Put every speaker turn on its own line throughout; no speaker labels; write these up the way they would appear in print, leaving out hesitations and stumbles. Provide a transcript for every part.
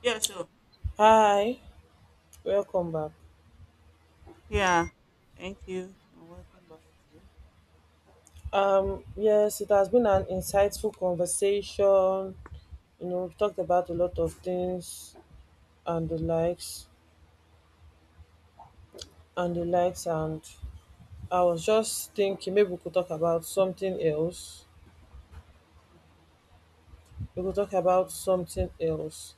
Yeah, sure.
Hi, welcome back.
Yeah. Thank you and welcome back to.
Yes, it has been an insightful conversation. You know, we've talked about a lot of things and the likes and the likes, and I was just thinking maybe we could talk about something else.
Mm.
We could talk about something else.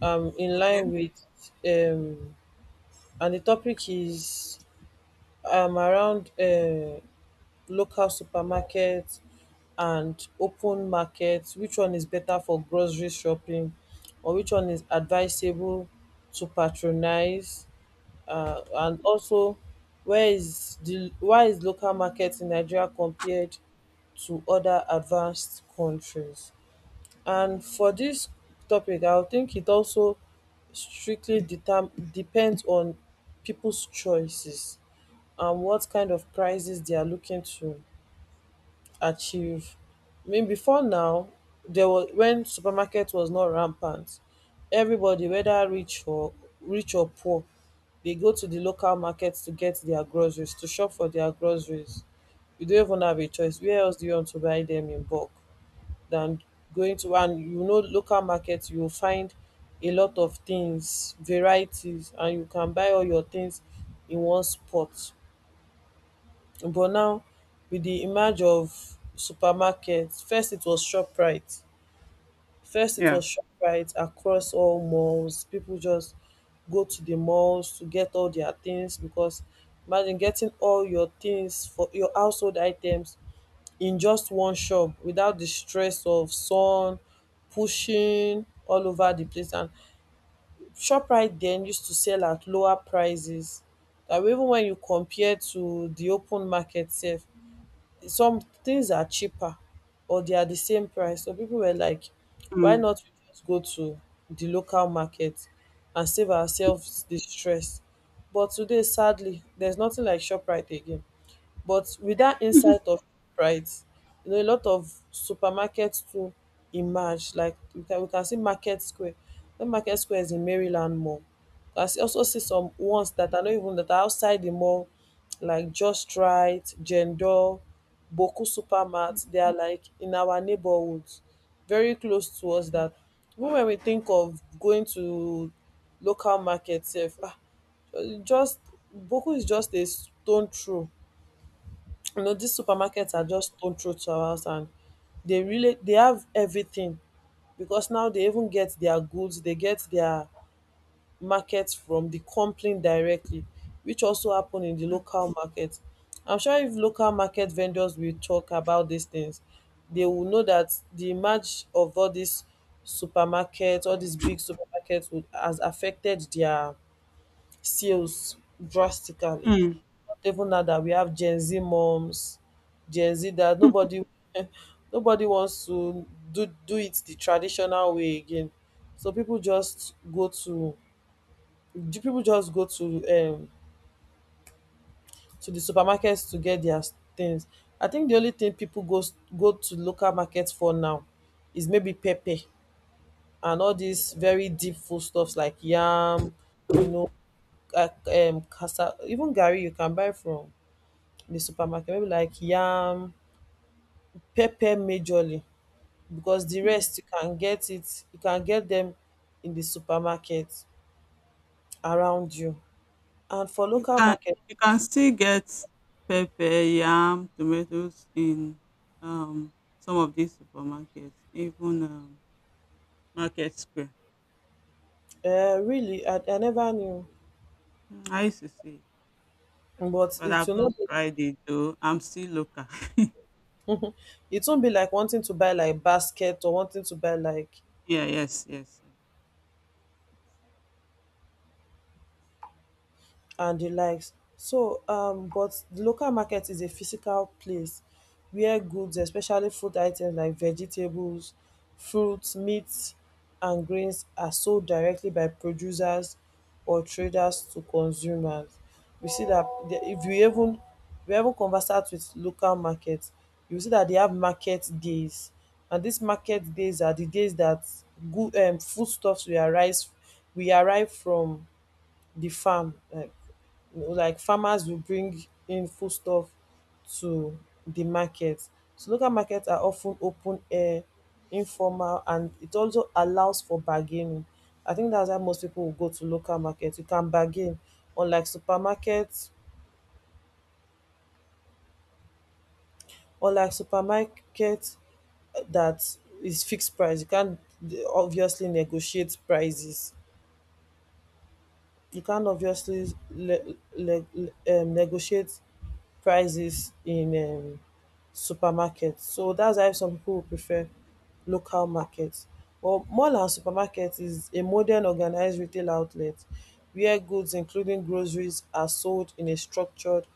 In
Okay.
line with um, and the topic is around local supermarkets and open market, which one is better for grocery shopping or which one is advisable to patronize, and also where is the why is local market in Nigeria compared to other advanced countries. And for this topic I would think it also strictly depends on people's choices and what kind of prices they are looking to achieve. I mean, before now, there was when supermarket was not rampant, everybody, whether rich or poor, they go to the local markets to get their groceries, to shop for their groceries. You don't even have a choice. Where else do you want to buy them in bulk than going to, and you know, local markets, you will find a lot of things, varieties, and you can buy all your things in one spot. But now with the emerge of supermarkets, first it was Shoprite.
Yeah.
Across all malls, people just go to the malls to get all their things because imagine getting all your things for your household items in just one shop without the stress of sun pushing all over the place. And Shoprite then used to sell at lower prices, that even when you compare to the open market sef, some things are cheaper or they are the same price. So people were like, why
Mm.
not we just go to the local market and save ourselves the stress? But today, sadly, there's nothing like ShopRite again, but with that insight of price, you know, a lot of supermarkets too emerge. Like we can see Market Square. The Market Square is in Maryland Mall. I can also see some ones that are not even that are outside the mall, like Just Right, Jendol, Boku Supermart. They are like in our neighborhoods, very close to us,
Mm.
that even when we think of going to local markets, if just Boku is just a stone throw. You know, these supermarkets are just stone throw to our house, and they have everything. Because now they even get their goods, they get their markets from the company directly, which also happen in the local market. I'm sure if local market vendors will talk about these things, they will know that the merge of all these supermarkets, all these big supermarkets, would has affected their sales drastically.
Mm.
Even now that we have Gen Z moms, Gen Z that nobody nobody wants to do it the traditional way again. So people just go to do people just go to the supermarkets to get their things. I think the only thing people go to local markets for now is maybe pepper and all these very deep food stuffs like yam, you know, casa, even gari you can buy from the supermarket, maybe like yam, pepper majorly, because the rest you can get it, you can get them in the supermarket around you. And for
You
local
can
market,
you can still get pepper, yam, tomatoes in um some of these supermarkets, even Market Square.
really I never knew,
Mm, I used to see, it,
but
but
it
I've
will
not
not be
tried it though. I'm still local.
it won't be like wanting to buy like basket or wanting to buy like
Yeah. Yes. Yes. Yes.
and the likes. So, but the local market is a physical place where goods, especially food items like vegetables, fruits, meats, and grains, are sold directly by producers or traders to consumers. We see that if you even, we even conversate with local markets, you see that they have market days, and these market days are the days that good foodstuffs we arrive from the farm. Like you know, like farmers will bring in foodstuff to the market. So local markets are often open air, informal, and it also allows for bargaining. I think that's why most people will go to local markets. You can bargain, unlike supermarkets, unlike supermarket that is fixed price. You can't obviously negotiate prices. You can't obviously negotiate prices in supermarket. So that's why some people will prefer local markets. Well, mall and supermarket is a modern organized retail outlet where goods including groceries are sold in a structured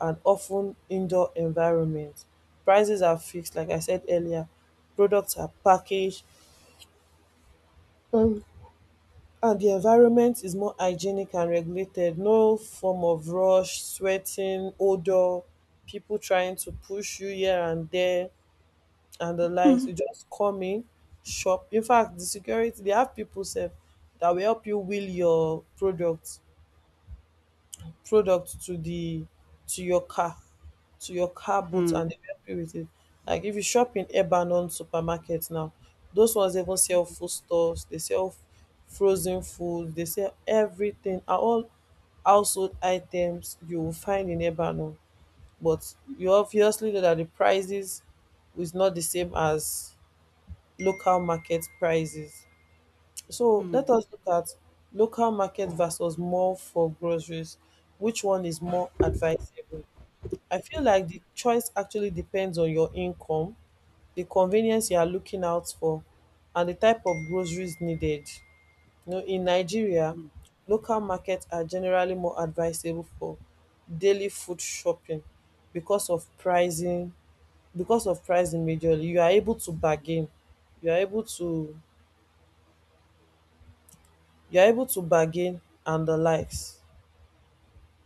and often indoor environment. Prices are fixed, like I said earlier, products are packaged, um, and the environment is more hygienic and regulated. No form of rush, sweating, odor, people trying to push you here and there, and the likes.
Mm.
You just come in, shop. In fact, the security, they have people self that will help you wheel your product to the, to your car, to your car boot,
Mm.
and they will help you with it. Like if you shop in Lebanon supermarket now, those ones even sell food stores, they sell frozen food, they sell everything. Are all household items you will find in Lebanon. But you obviously know that the prices is not the same as local market prices. So let
Mm.
us look at local market versus mall for groceries. Which one is more advisable? I feel like the choice actually depends on your income, the convenience you are looking out for, and the type of groceries needed. You know, in Nigeria,
Mm.
local markets are generally more advisable for daily food shopping because of pricing, majorly you are able to bargain, you are able to you are able to bargain and the likes.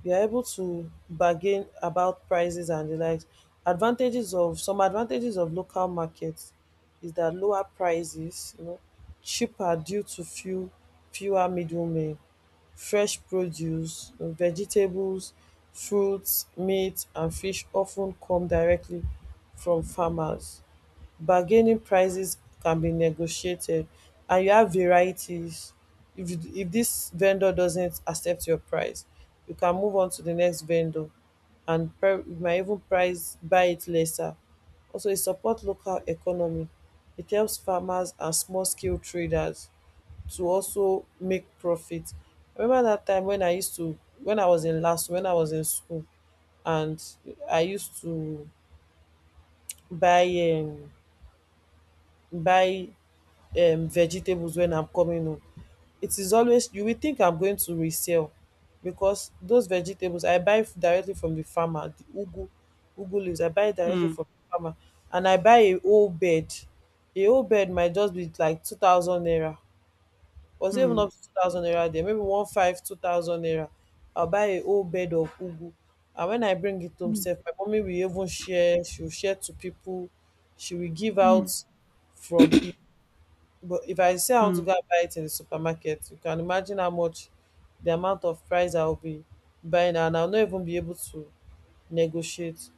You are able to bargain about prices and the likes. Advantages of, local markets is that lower prices, you know, cheaper due to fewer middlemen; fresh produce, you know, vegetables, fruits, meat and fish often come directly from farmers; bargaining, prices can be negotiated; and you have varieties. If you, if this vendor doesn't accept your price, you can move on to the next vendor, and you might even price buy it lesser. Also it support local economy, it helps farmers and small scale traders to also make profit. I remember that time when I used to, when I was in school, and I used to buy um buy vegetables when I'm coming home. It is always you will think I'm going to resell, because those vegetables I buy directly from the farmer, the ugu, ugu leaves. I buy directly
Mm.
from the farmer, and I buy a whole bed. A whole bed might just be like 2,000 naira, or even
Mm.
up to 2,000 naira there. Maybe one five two thousand naira. I'll buy a whole bed of ugu, and when I bring it home,
Mm.
sef, my mommy will even share. She will share to people. She will give
Mm.
out from it. But if I say I want to
Mm,
go and buy it in the supermarket, you can imagine how much, the amount of price I'll be buying, and I'll not even be able to negotiate.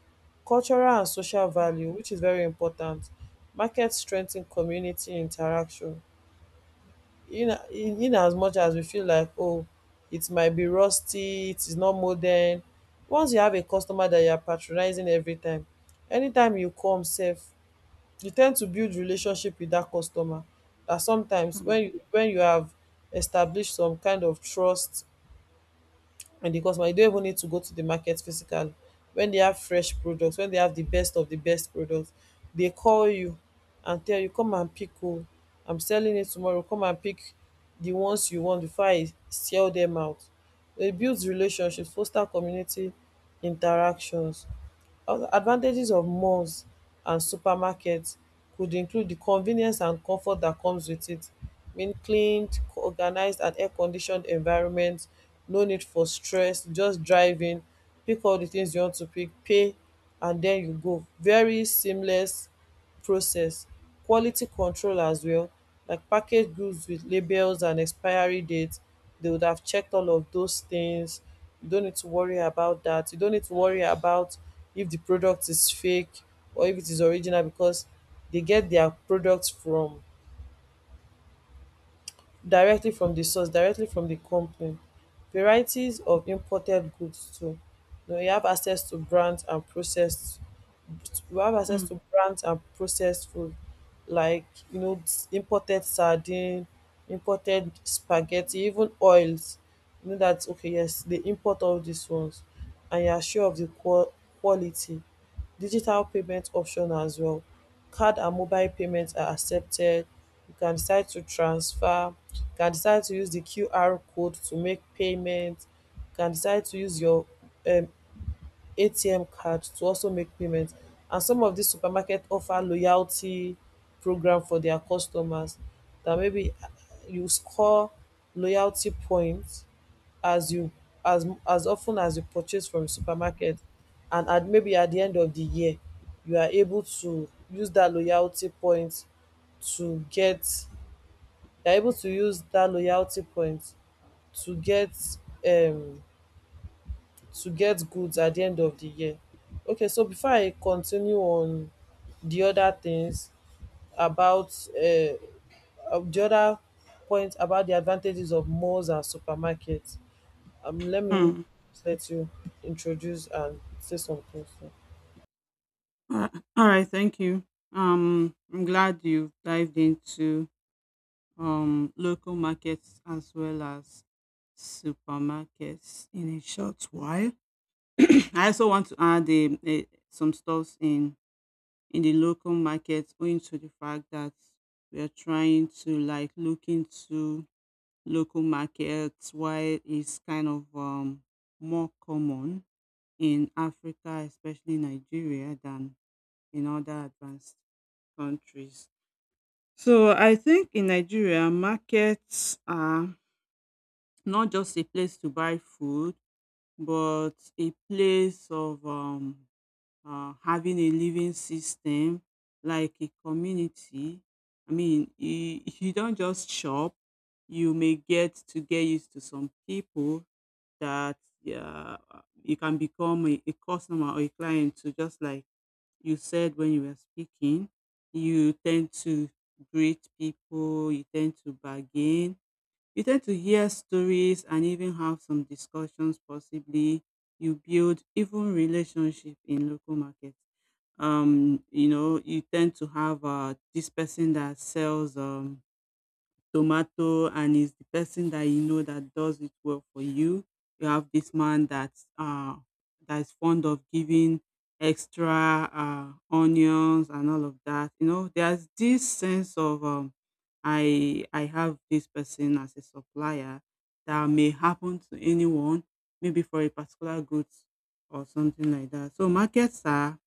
Cultural and social value, which is very important. Market strengthen community interaction. In as much as we feel like, oh, it might be rusty, it is not modern. Once you have a customer that you are patronizing every time, anytime you come, sef, you tend to build relationship with that customer, that sometimes
mm,
when you have established some kind of trust and the customer, you don't even need to go to the market physically. When they have fresh products, when they have the best of the best products, they call you and tell you, come and pick, oh, I'm selling it tomorrow, come and pick the ones you want before I sell them out. It builds relationships, foster community interactions. Advantages of malls and supermarkets could include the convenience and comfort that comes with it, mean cleaned, organized, and air-conditioned environment, no need for stress, just driving, pick all the things you want to pick, pay, and then you go. Very seamless process. Quality control as well, like packaged goods with labels and expiry dates, they would have checked all of those things. You don't need to worry about that, you don't need to worry about if the product is fake or if it is original, because they get their products from, directly from the source, directly from the company. Varieties of imported goods too, you know, you have access to brands and processed you have access
mm,
to brands and processed food, like you know imported sardine, imported spaghetti, even oils. You know dat okay yes they import all these ones, and you are sure of di quality. Digital payment option as well. Card and mobile payments are accepted. You can decide to transfer, you can decide to use the QR code to make payment, you can decide to use your um ATM card to also make payment. And some of these supermarket offer loyalty program for their customers that maybe you score loyalty points as you as often as you purchase from supermarket and at maybe at the end of the year you are able to use that loyalty point to get you're able to use that loyalty point to get um to get goods at the end of the year. Okay, so before I continue on the other things about the other point about the advantages of malls and supermarkets, let me
mm.
let you introduce and say something. So.
Uh, All right, thank you. I'm glad you've dived into local markets as well as supermarkets in a short while. I also want to add some stores in the local markets, owing to the fact that we are trying to like look into local markets while it's kind of more common in Africa, especially Nigeria, than in other advanced countries. So I think in Nigeria, markets are not just a place to buy food, but a place of having a living system like a community. I mean, you don't just shop, you may get to get used to some people that yeah, you can become a customer or a client, to just like you said when you were speaking, you tend to greet people, you tend to bargain, you tend to hear stories and even have some discussions possibly. You build even relationship in local markets. You tend to have this person that sells tomato, and is the person that you know that does it well for you. You have this man that is fond of giving extra onions and all of that. There's this sense of I have this person as a supplier that may happen to anyone, maybe for a particular goods or something like that. So markets are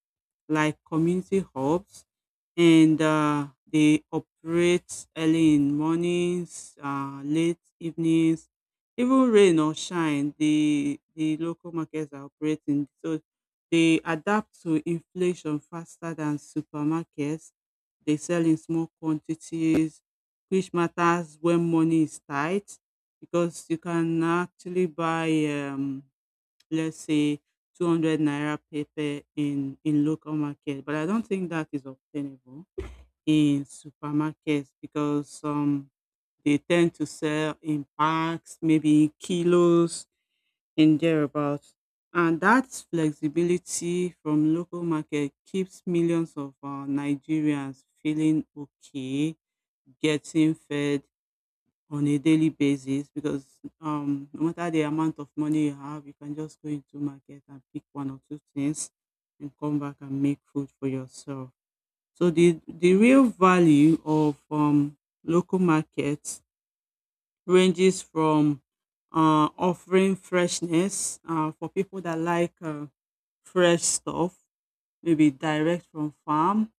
like community hubs, and they operate early in mornings, late evenings, even rain or shine. The local markets are operating, so they adapt to inflation faster than supermarkets. They sell in small quantities, which matters when money is tight, because you can actually buy. Um, let's say 200 naira paper in local market, but I don't think that is obtainable in supermarkets because they tend to sell in packs, maybe kilos in thereabouts, and that flexibility from local market keeps millions of Nigerians feeling okay, getting fed on a daily basis, because no matter the amount of money you have, you can just go into market and pick one or two things and come back and make food for yourself. So the real value of local markets ranges from offering freshness, for people that like fresh stuff, maybe direct from farm,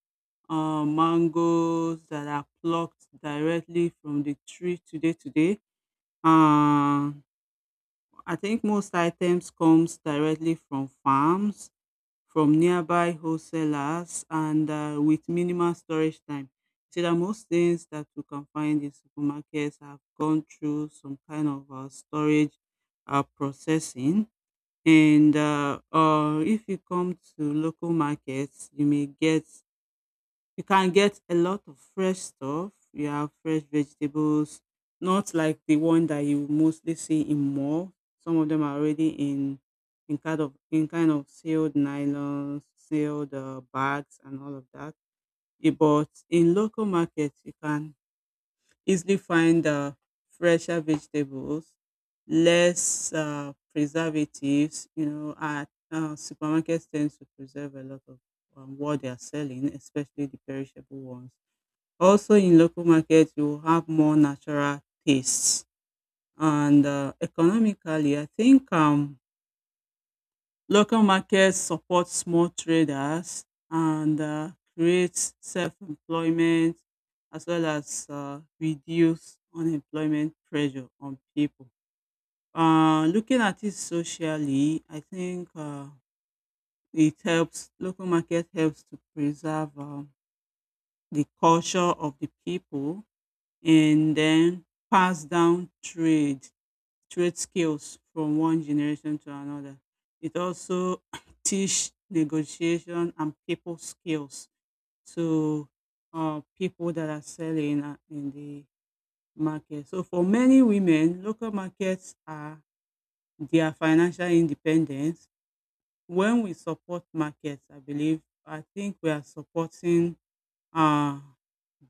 mangoes that are plucked directly from the tree today today. uh, I think most items comes directly from farms, from nearby wholesalers, and with minimal storage time. See that most things that you can find in supermarkets have gone through some kind of storage, processing. And if you come to local markets, you can get a lot of fresh stuff. You have fresh vegetables, not like the one that you mostly see in mall. Some of them are already in kind of sealed nylons, sealed bags, and all of that. But in local markets, you can easily find fresher vegetables, less preservatives. You know, at supermarkets tend to preserve a lot of what they are selling, especially the perishable ones. Also in local markets, you will have more natural tastes, and economically I think local markets support small traders and create self-employment, as well as reduce unemployment pressure on people. Looking at it socially, I think it helps local market helps to preserve the culture of the people and then pass down trade skills from one generation to another. It also teach negotiation and people skills to people that are selling in the market. So for many women, local markets are their financial independence. When we support markets, I think we are supporting uh,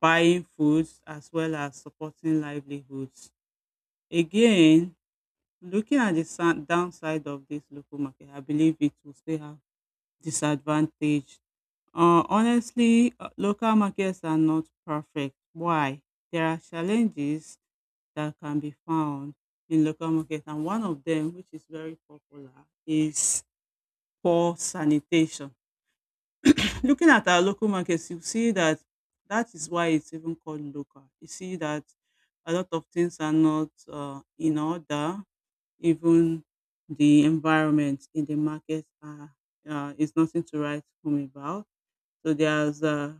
buying foods as well as supporting livelihoods. Again, looking at the downside of this local market, I believe it will still have disadvantage. Honestly, local markets are not perfect. Why? There are challenges that can be found in local markets, and one of them, which is very popular, is poor sanitation. Looking at our local markets, you see that that is why it's even called local. You see that a lot of things are not in order. Even the environment in the market are is nothing to write home about. So there's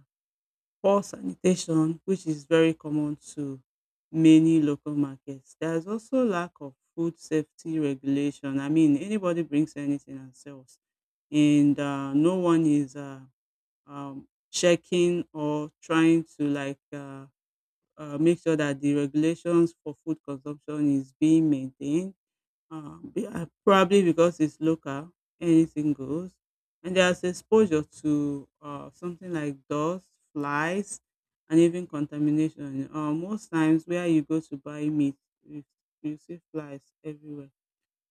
poor sanitation, which is very common to many local markets. There's also lack of food safety regulation. I mean, anybody brings anything and sells, and no one is checking or trying to like make sure that the regulations for food consumption is being maintained, yeah, probably because it's local, anything goes. And there's exposure to something like dust, flies, and even contamination. Most times where you go to buy meat, you, you see flies everywhere.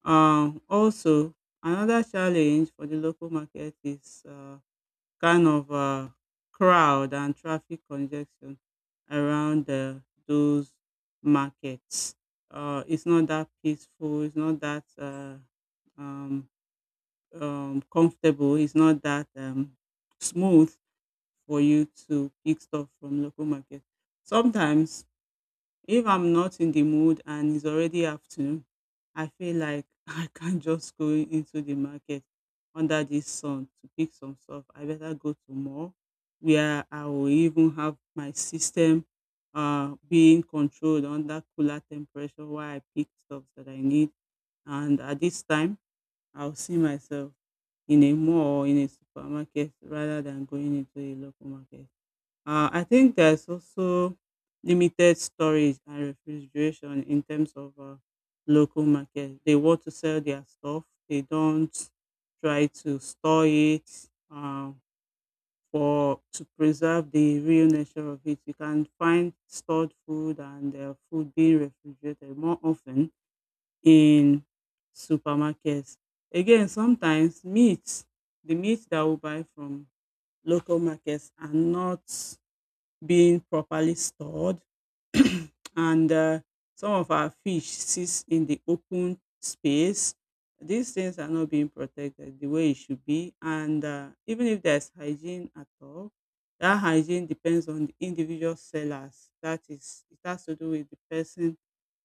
Also, another challenge for the local market is kind of crowd and traffic congestion around those markets. It's not that peaceful. It's not that um, comfortable. It's not that smooth for you to pick stuff from local market. Sometimes if I'm not in the mood and it's already afternoon, I feel like, I can't just go into the market under this sun to pick some stuff. I better go to mall where I will even have my system being controlled under cooler temperature while I pick stuff that I need. And at this time, I'll see myself in a mall or in a supermarket rather than going into a local market. I think there's also limited storage and refrigeration in terms of local market. They want to sell their stuff. They don't try to store it, for to preserve the real nature of it. You can find stored food and food being refrigerated more often in supermarkets. Again, sometimes meat, the meat that we buy from local markets are not being properly stored, and some of our fish sits in the open space. These things are not being protected the way it should be, and even if there's hygiene at all, that hygiene depends on the individual sellers. That is, it has to do with the person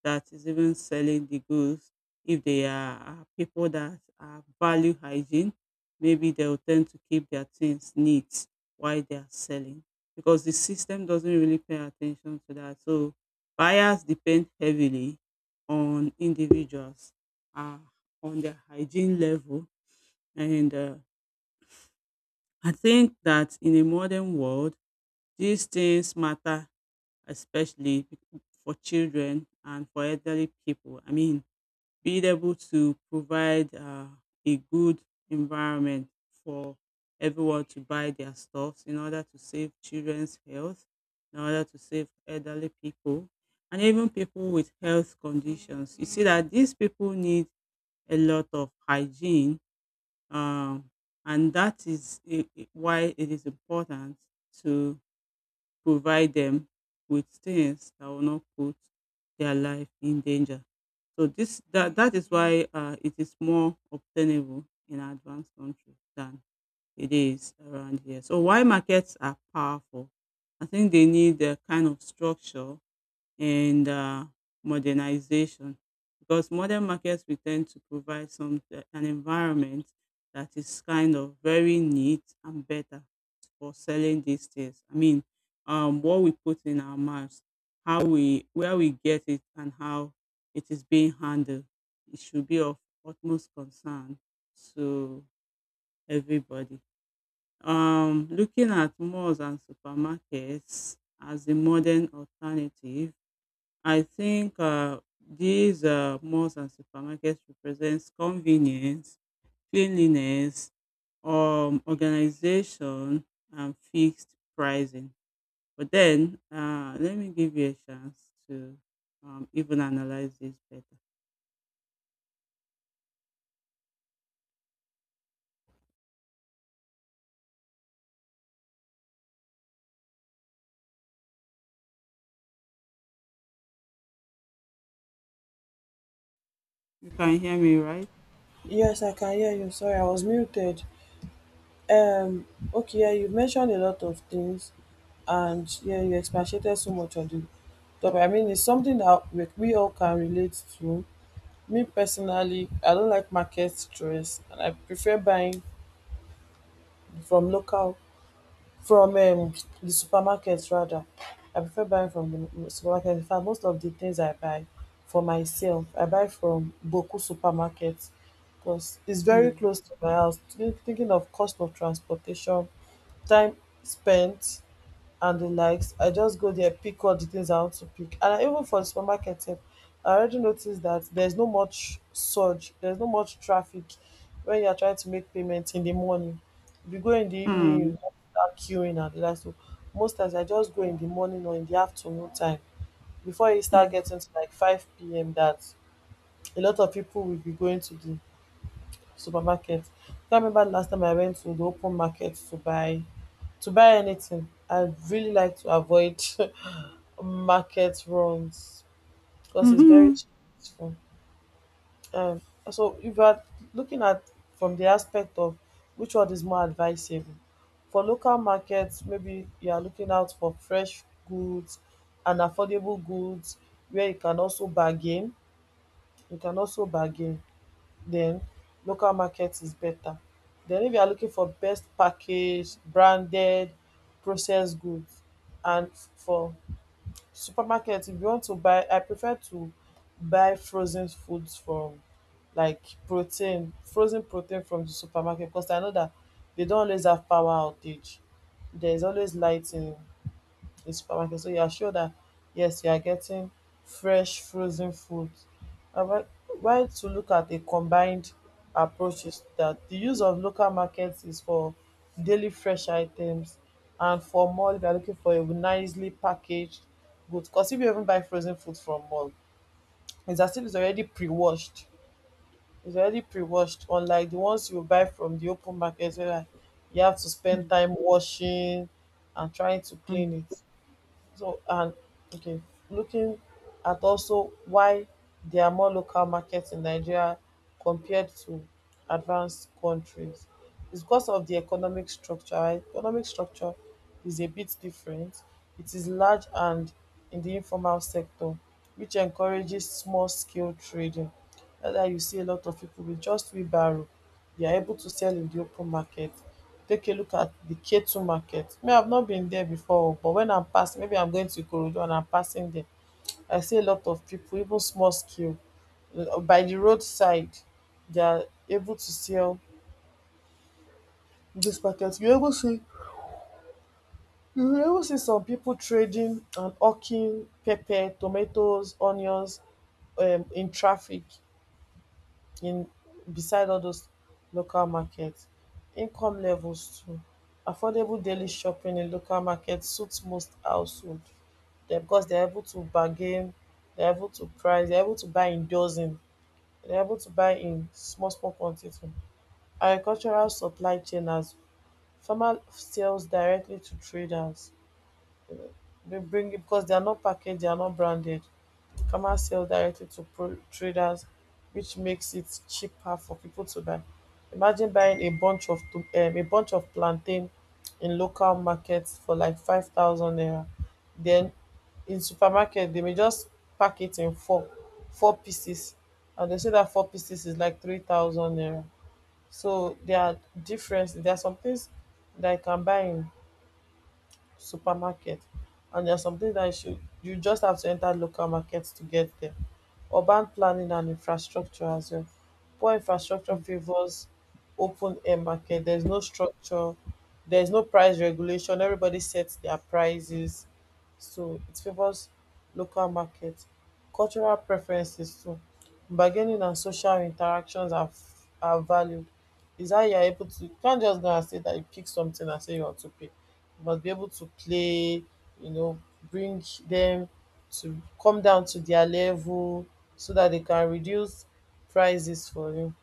that is even selling the goods. If they are people that are value hygiene, maybe they'll tend to keep their things neat while they are selling, because the system doesn't really pay attention to that. So buyers depend heavily on individuals, uh, on their hygiene level. And I think that in a modern world, these things matter, especially for children and for elderly people. I mean, being able to provide a good environment for everyone to buy their stuffs, in order to save children's health, in order to save elderly people, and even people with health conditions. You see that these people need a lot of hygiene, um, and that is why it is important to provide them with things that will not put their life in danger. So this that that is why it is more obtainable in advanced countries than it is around here. So why markets are powerful, I think they need a kind of structure and modernization. Because modern markets we tend to provide some an environment that is kind of very neat and better for selling these things. I mean, what we put in our mouths, how we where we get it, and how it is being handled, it should be of utmost concern to everybody. Looking at malls and supermarkets as a modern alternative, I think these malls and supermarkets represents convenience, cleanliness, organization, and fixed pricing. But then, let me give you a chance to even analyze this better. You can hear me, right?
Yes, I can hear you. Sorry, I was muted. Um, okay, yeah, you mentioned a lot of things, and yeah, you expatiated so much on the topic. I mean, it's something that we all can relate to. Me personally, I don't like market stress, and I prefer buying from local. From the supermarket rather. I prefer buying from the supermarket. In fact, most of the things I buy for myself, I buy from Boku supermarket because it's very
Mm.
close to my house. Thinking of cost of transportation, time spent, and the likes. I just go there, pick all the things I want to pick. And I, even for the supermarket, sef, I already noticed that there's no much surge, there's no much traffic when you are trying to make payment in the morning. If you go in the evening,
Mm.
you start queuing and the like. So most times I just go in the morning or in the afternoon time before you start getting to like 5 p.m. that a lot of people will be going to the supermarket. I remember the last time I went to the open market to buy anything. I really like to avoid market runs because it's very
Mm.
stressful. Um, so if you are looking at from the aspect of which one is more advisable for local markets, maybe you are looking out for fresh goods and affordable goods where you can also bargain. You can also bargain. Then local market is better. Then if you are looking for best packaged, branded, processed goods, and for supermarket if you want to buy, I prefer to buy frozen foods from, like, protein, frozen protein from the supermarket because I know that they don't always have power outage, there's always lighting a supermarket. So you are sure that yes, you are getting fresh frozen food. And why to look at a combined approach is that the use of local markets is for daily fresh items and for mall we are looking for a nicely packaged good. Because if you even buy frozen food from mall, it's as if it's already pre-washed. It's already pre-washed, unlike the ones you buy from the open market where like you have to spend
Mm-hmm.
time washing and trying to clean
Mm,
it. So and okay, looking at also why there are more local markets in Nigeria compared to advanced countries. It's because of the economic structure. Right? Economic structure is a bit different. It is large and in the informal sector, which encourages small scale trading. That's why you see a lot of people with just wheelbarrow, they are able to sell in the open market. Take a look at the Ketu market. Me, I've not been there before, but when I'm passing, maybe I'm going to Ikorodu and I'm passing there, I see a lot of people, even small scale. By the roadside, they are able to sell this market. You able see you will even see some people trading and hawking pepper, tomatoes, onions in traffic in beside all those local markets. Income levels too. Affordable daily shopping in local markets suits most households. Dem because they're able to bargain, they're able to price, they're able to buy in dozen, they're able to buy in small small quantity. Agricultural supply chain as farmer sells directly to traders they bring it because they are not packaged, they are not branded. Farmers sell directly to traders, which makes it cheaper for people to buy. Imagine buying a bunch of a bunch of plantain in local markets for like 5,000 naira. Then in supermarket they may just pack it in four pieces, and they say that four pieces is like 3,000 naira. So there are differences. There are some things that I can buy in supermarket and there's something that you should you just have to enter local markets to get there. Urban planning and infrastructure as well. Poor infrastructure
mm,
favors open air market. There's no structure, there's no price regulation. Everybody sets their prices. So it favors local market. Cultural preferences too. Bargaining and social interactions are, are valued. Is how you're able to you can't just go and say that you pick something and say you want to pay must be able to play, you know, bring them to come down to their level so that they can reduce prices for you.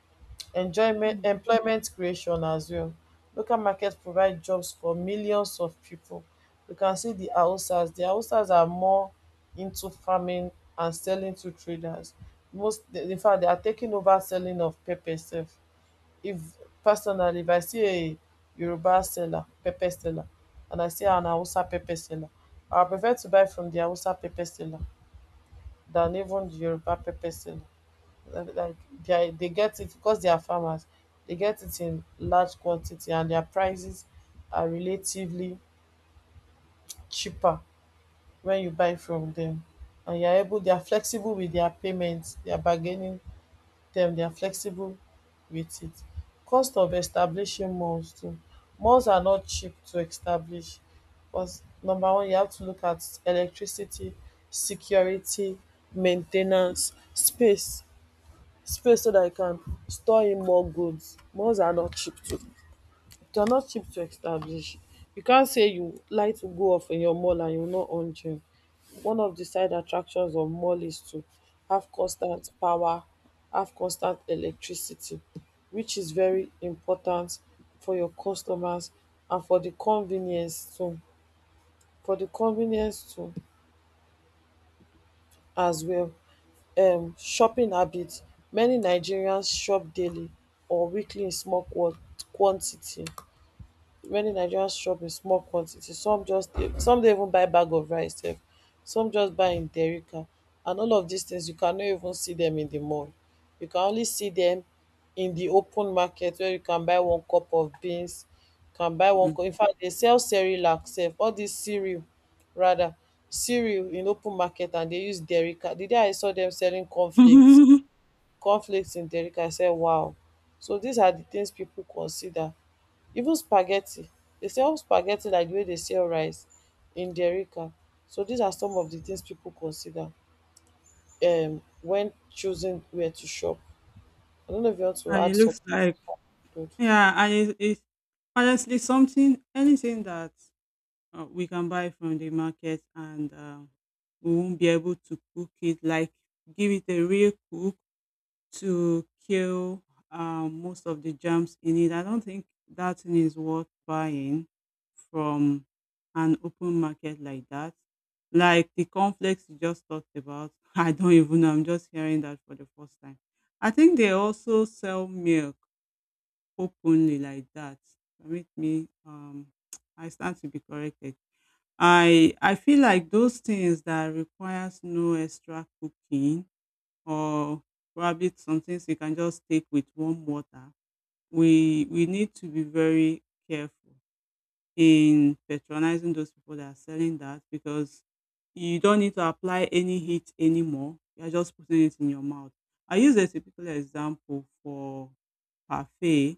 Enjoyment,
mm,
employment creation as well. Local markets provide jobs for millions of people. You can see the Hausas. The Hausas are more into farming and selling to traders. Most, in fact, they are taking over selling of pepper sef. If personally if I see a Yoruba seller pepper seller and I see an Hausa pepper seller, I prefer to buy from the Hausa pepper seller than even the Yoruba pepper seller, like like, they are they get it because they are farmers, they get it in large quantity and their prices are relatively cheaper when you buy from them, and you are able they are flexible with their payments, their bargaining, dem they are flexible with it. Cost of establishing malls too. Malls are not cheap to establish because number one you have to look at electricity, security, maintenance, space space so that you can store in more goods. Malls are not cheap to they're not cheap to establish. You can't say you like to go off in your mall and you will not own gym. One of the side attractions of mall is to have constant power, have constant electricity, which is very important for your customers and for the convenience too. For the convenience too as well. Shopping habits. Many Nigerians shop daily or weekly in small quantity. Many Nigerians shop in small quantity, some just dey, some dey even buy bag of rice sef, some just buy in derica, and all of dis things you cannot even see dem in the mall. You can only see dem in the open market where you can buy one cup of beans, can buy one
mm.
cup In fact, they sell cerelac sef all dis cereal rather cereal in open market and they use derica. The day I saw them selling cornflakes in derica I said, wow. So these are the things people consider, even spaghetti they sell spaghetti like the way they sell rice in derica. So these are some of the things people consider when choosing where to shop. I don't know if you want to
And it
add some
looks like,
an
yeah, and it, honestly, something anything that we can buy from the market and we won't be able to cook it, like give it a real cook to kill most of the germs in it, I don't think that thing is worth buying from an open market like that. Like the conflicts you just talked about, I don't even know. I'm just hearing that for the first time. I think they also sell milk openly like that. Permit me, I stand to be corrected. I feel like those things that requires no extra cooking, or probably some things you can just take with warm water. We need to be very careful in patronizing those people that are selling that, because you don't need to apply any heat anymore. You're just putting it in your mouth. I use a typical example for parfait.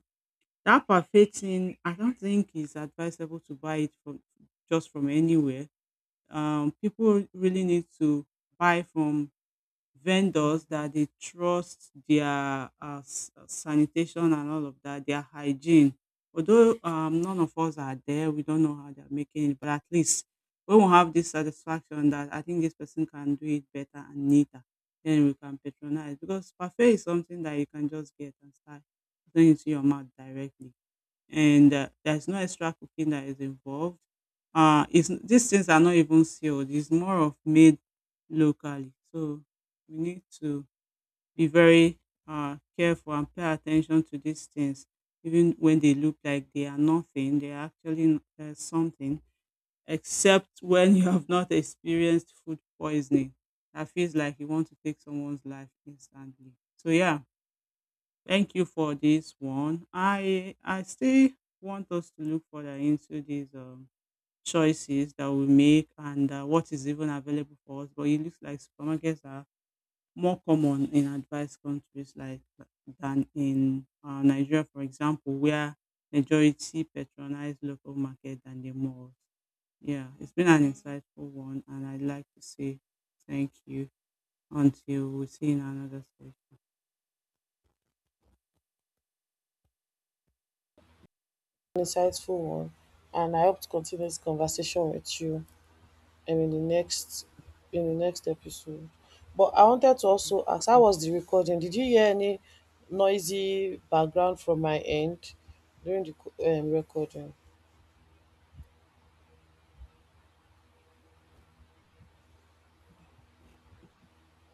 That parfait thing, I don't think it's advisable to buy it from just from anywhere. People really need to buy from vendors that they trust their sanitation and all of that, their hygiene. Although none of us are there, we don't know how they're making it, but at least when we have this satisfaction that I think this person can do it better and neater, then we can patronize. Because parfait is something that you can just get and start putting into your mouth directly, and there's no extra cooking that is involved. These things are not even sealed. It's more of made locally. So we need to be very careful and pay attention to these things, even when they look like they are nothing. They are actually something, except when you have not experienced food poisoning. That feels like you want to take someone's life instantly. So yeah, thank you for this one. I still want us to look further into these choices that we make and what is even available for us. But it looks like supermarkets are more common in advanced countries, like than in Nigeria, for example, where majority patronize local market than the malls. Yeah, it's been an insightful one, and I'd like to say thank you until we see in another session.
insightful one, and I hope to continue this conversation with you um in the next in the next episode. But I wanted to also ask how was the recording, did you hear any noisy background from my end during di recording?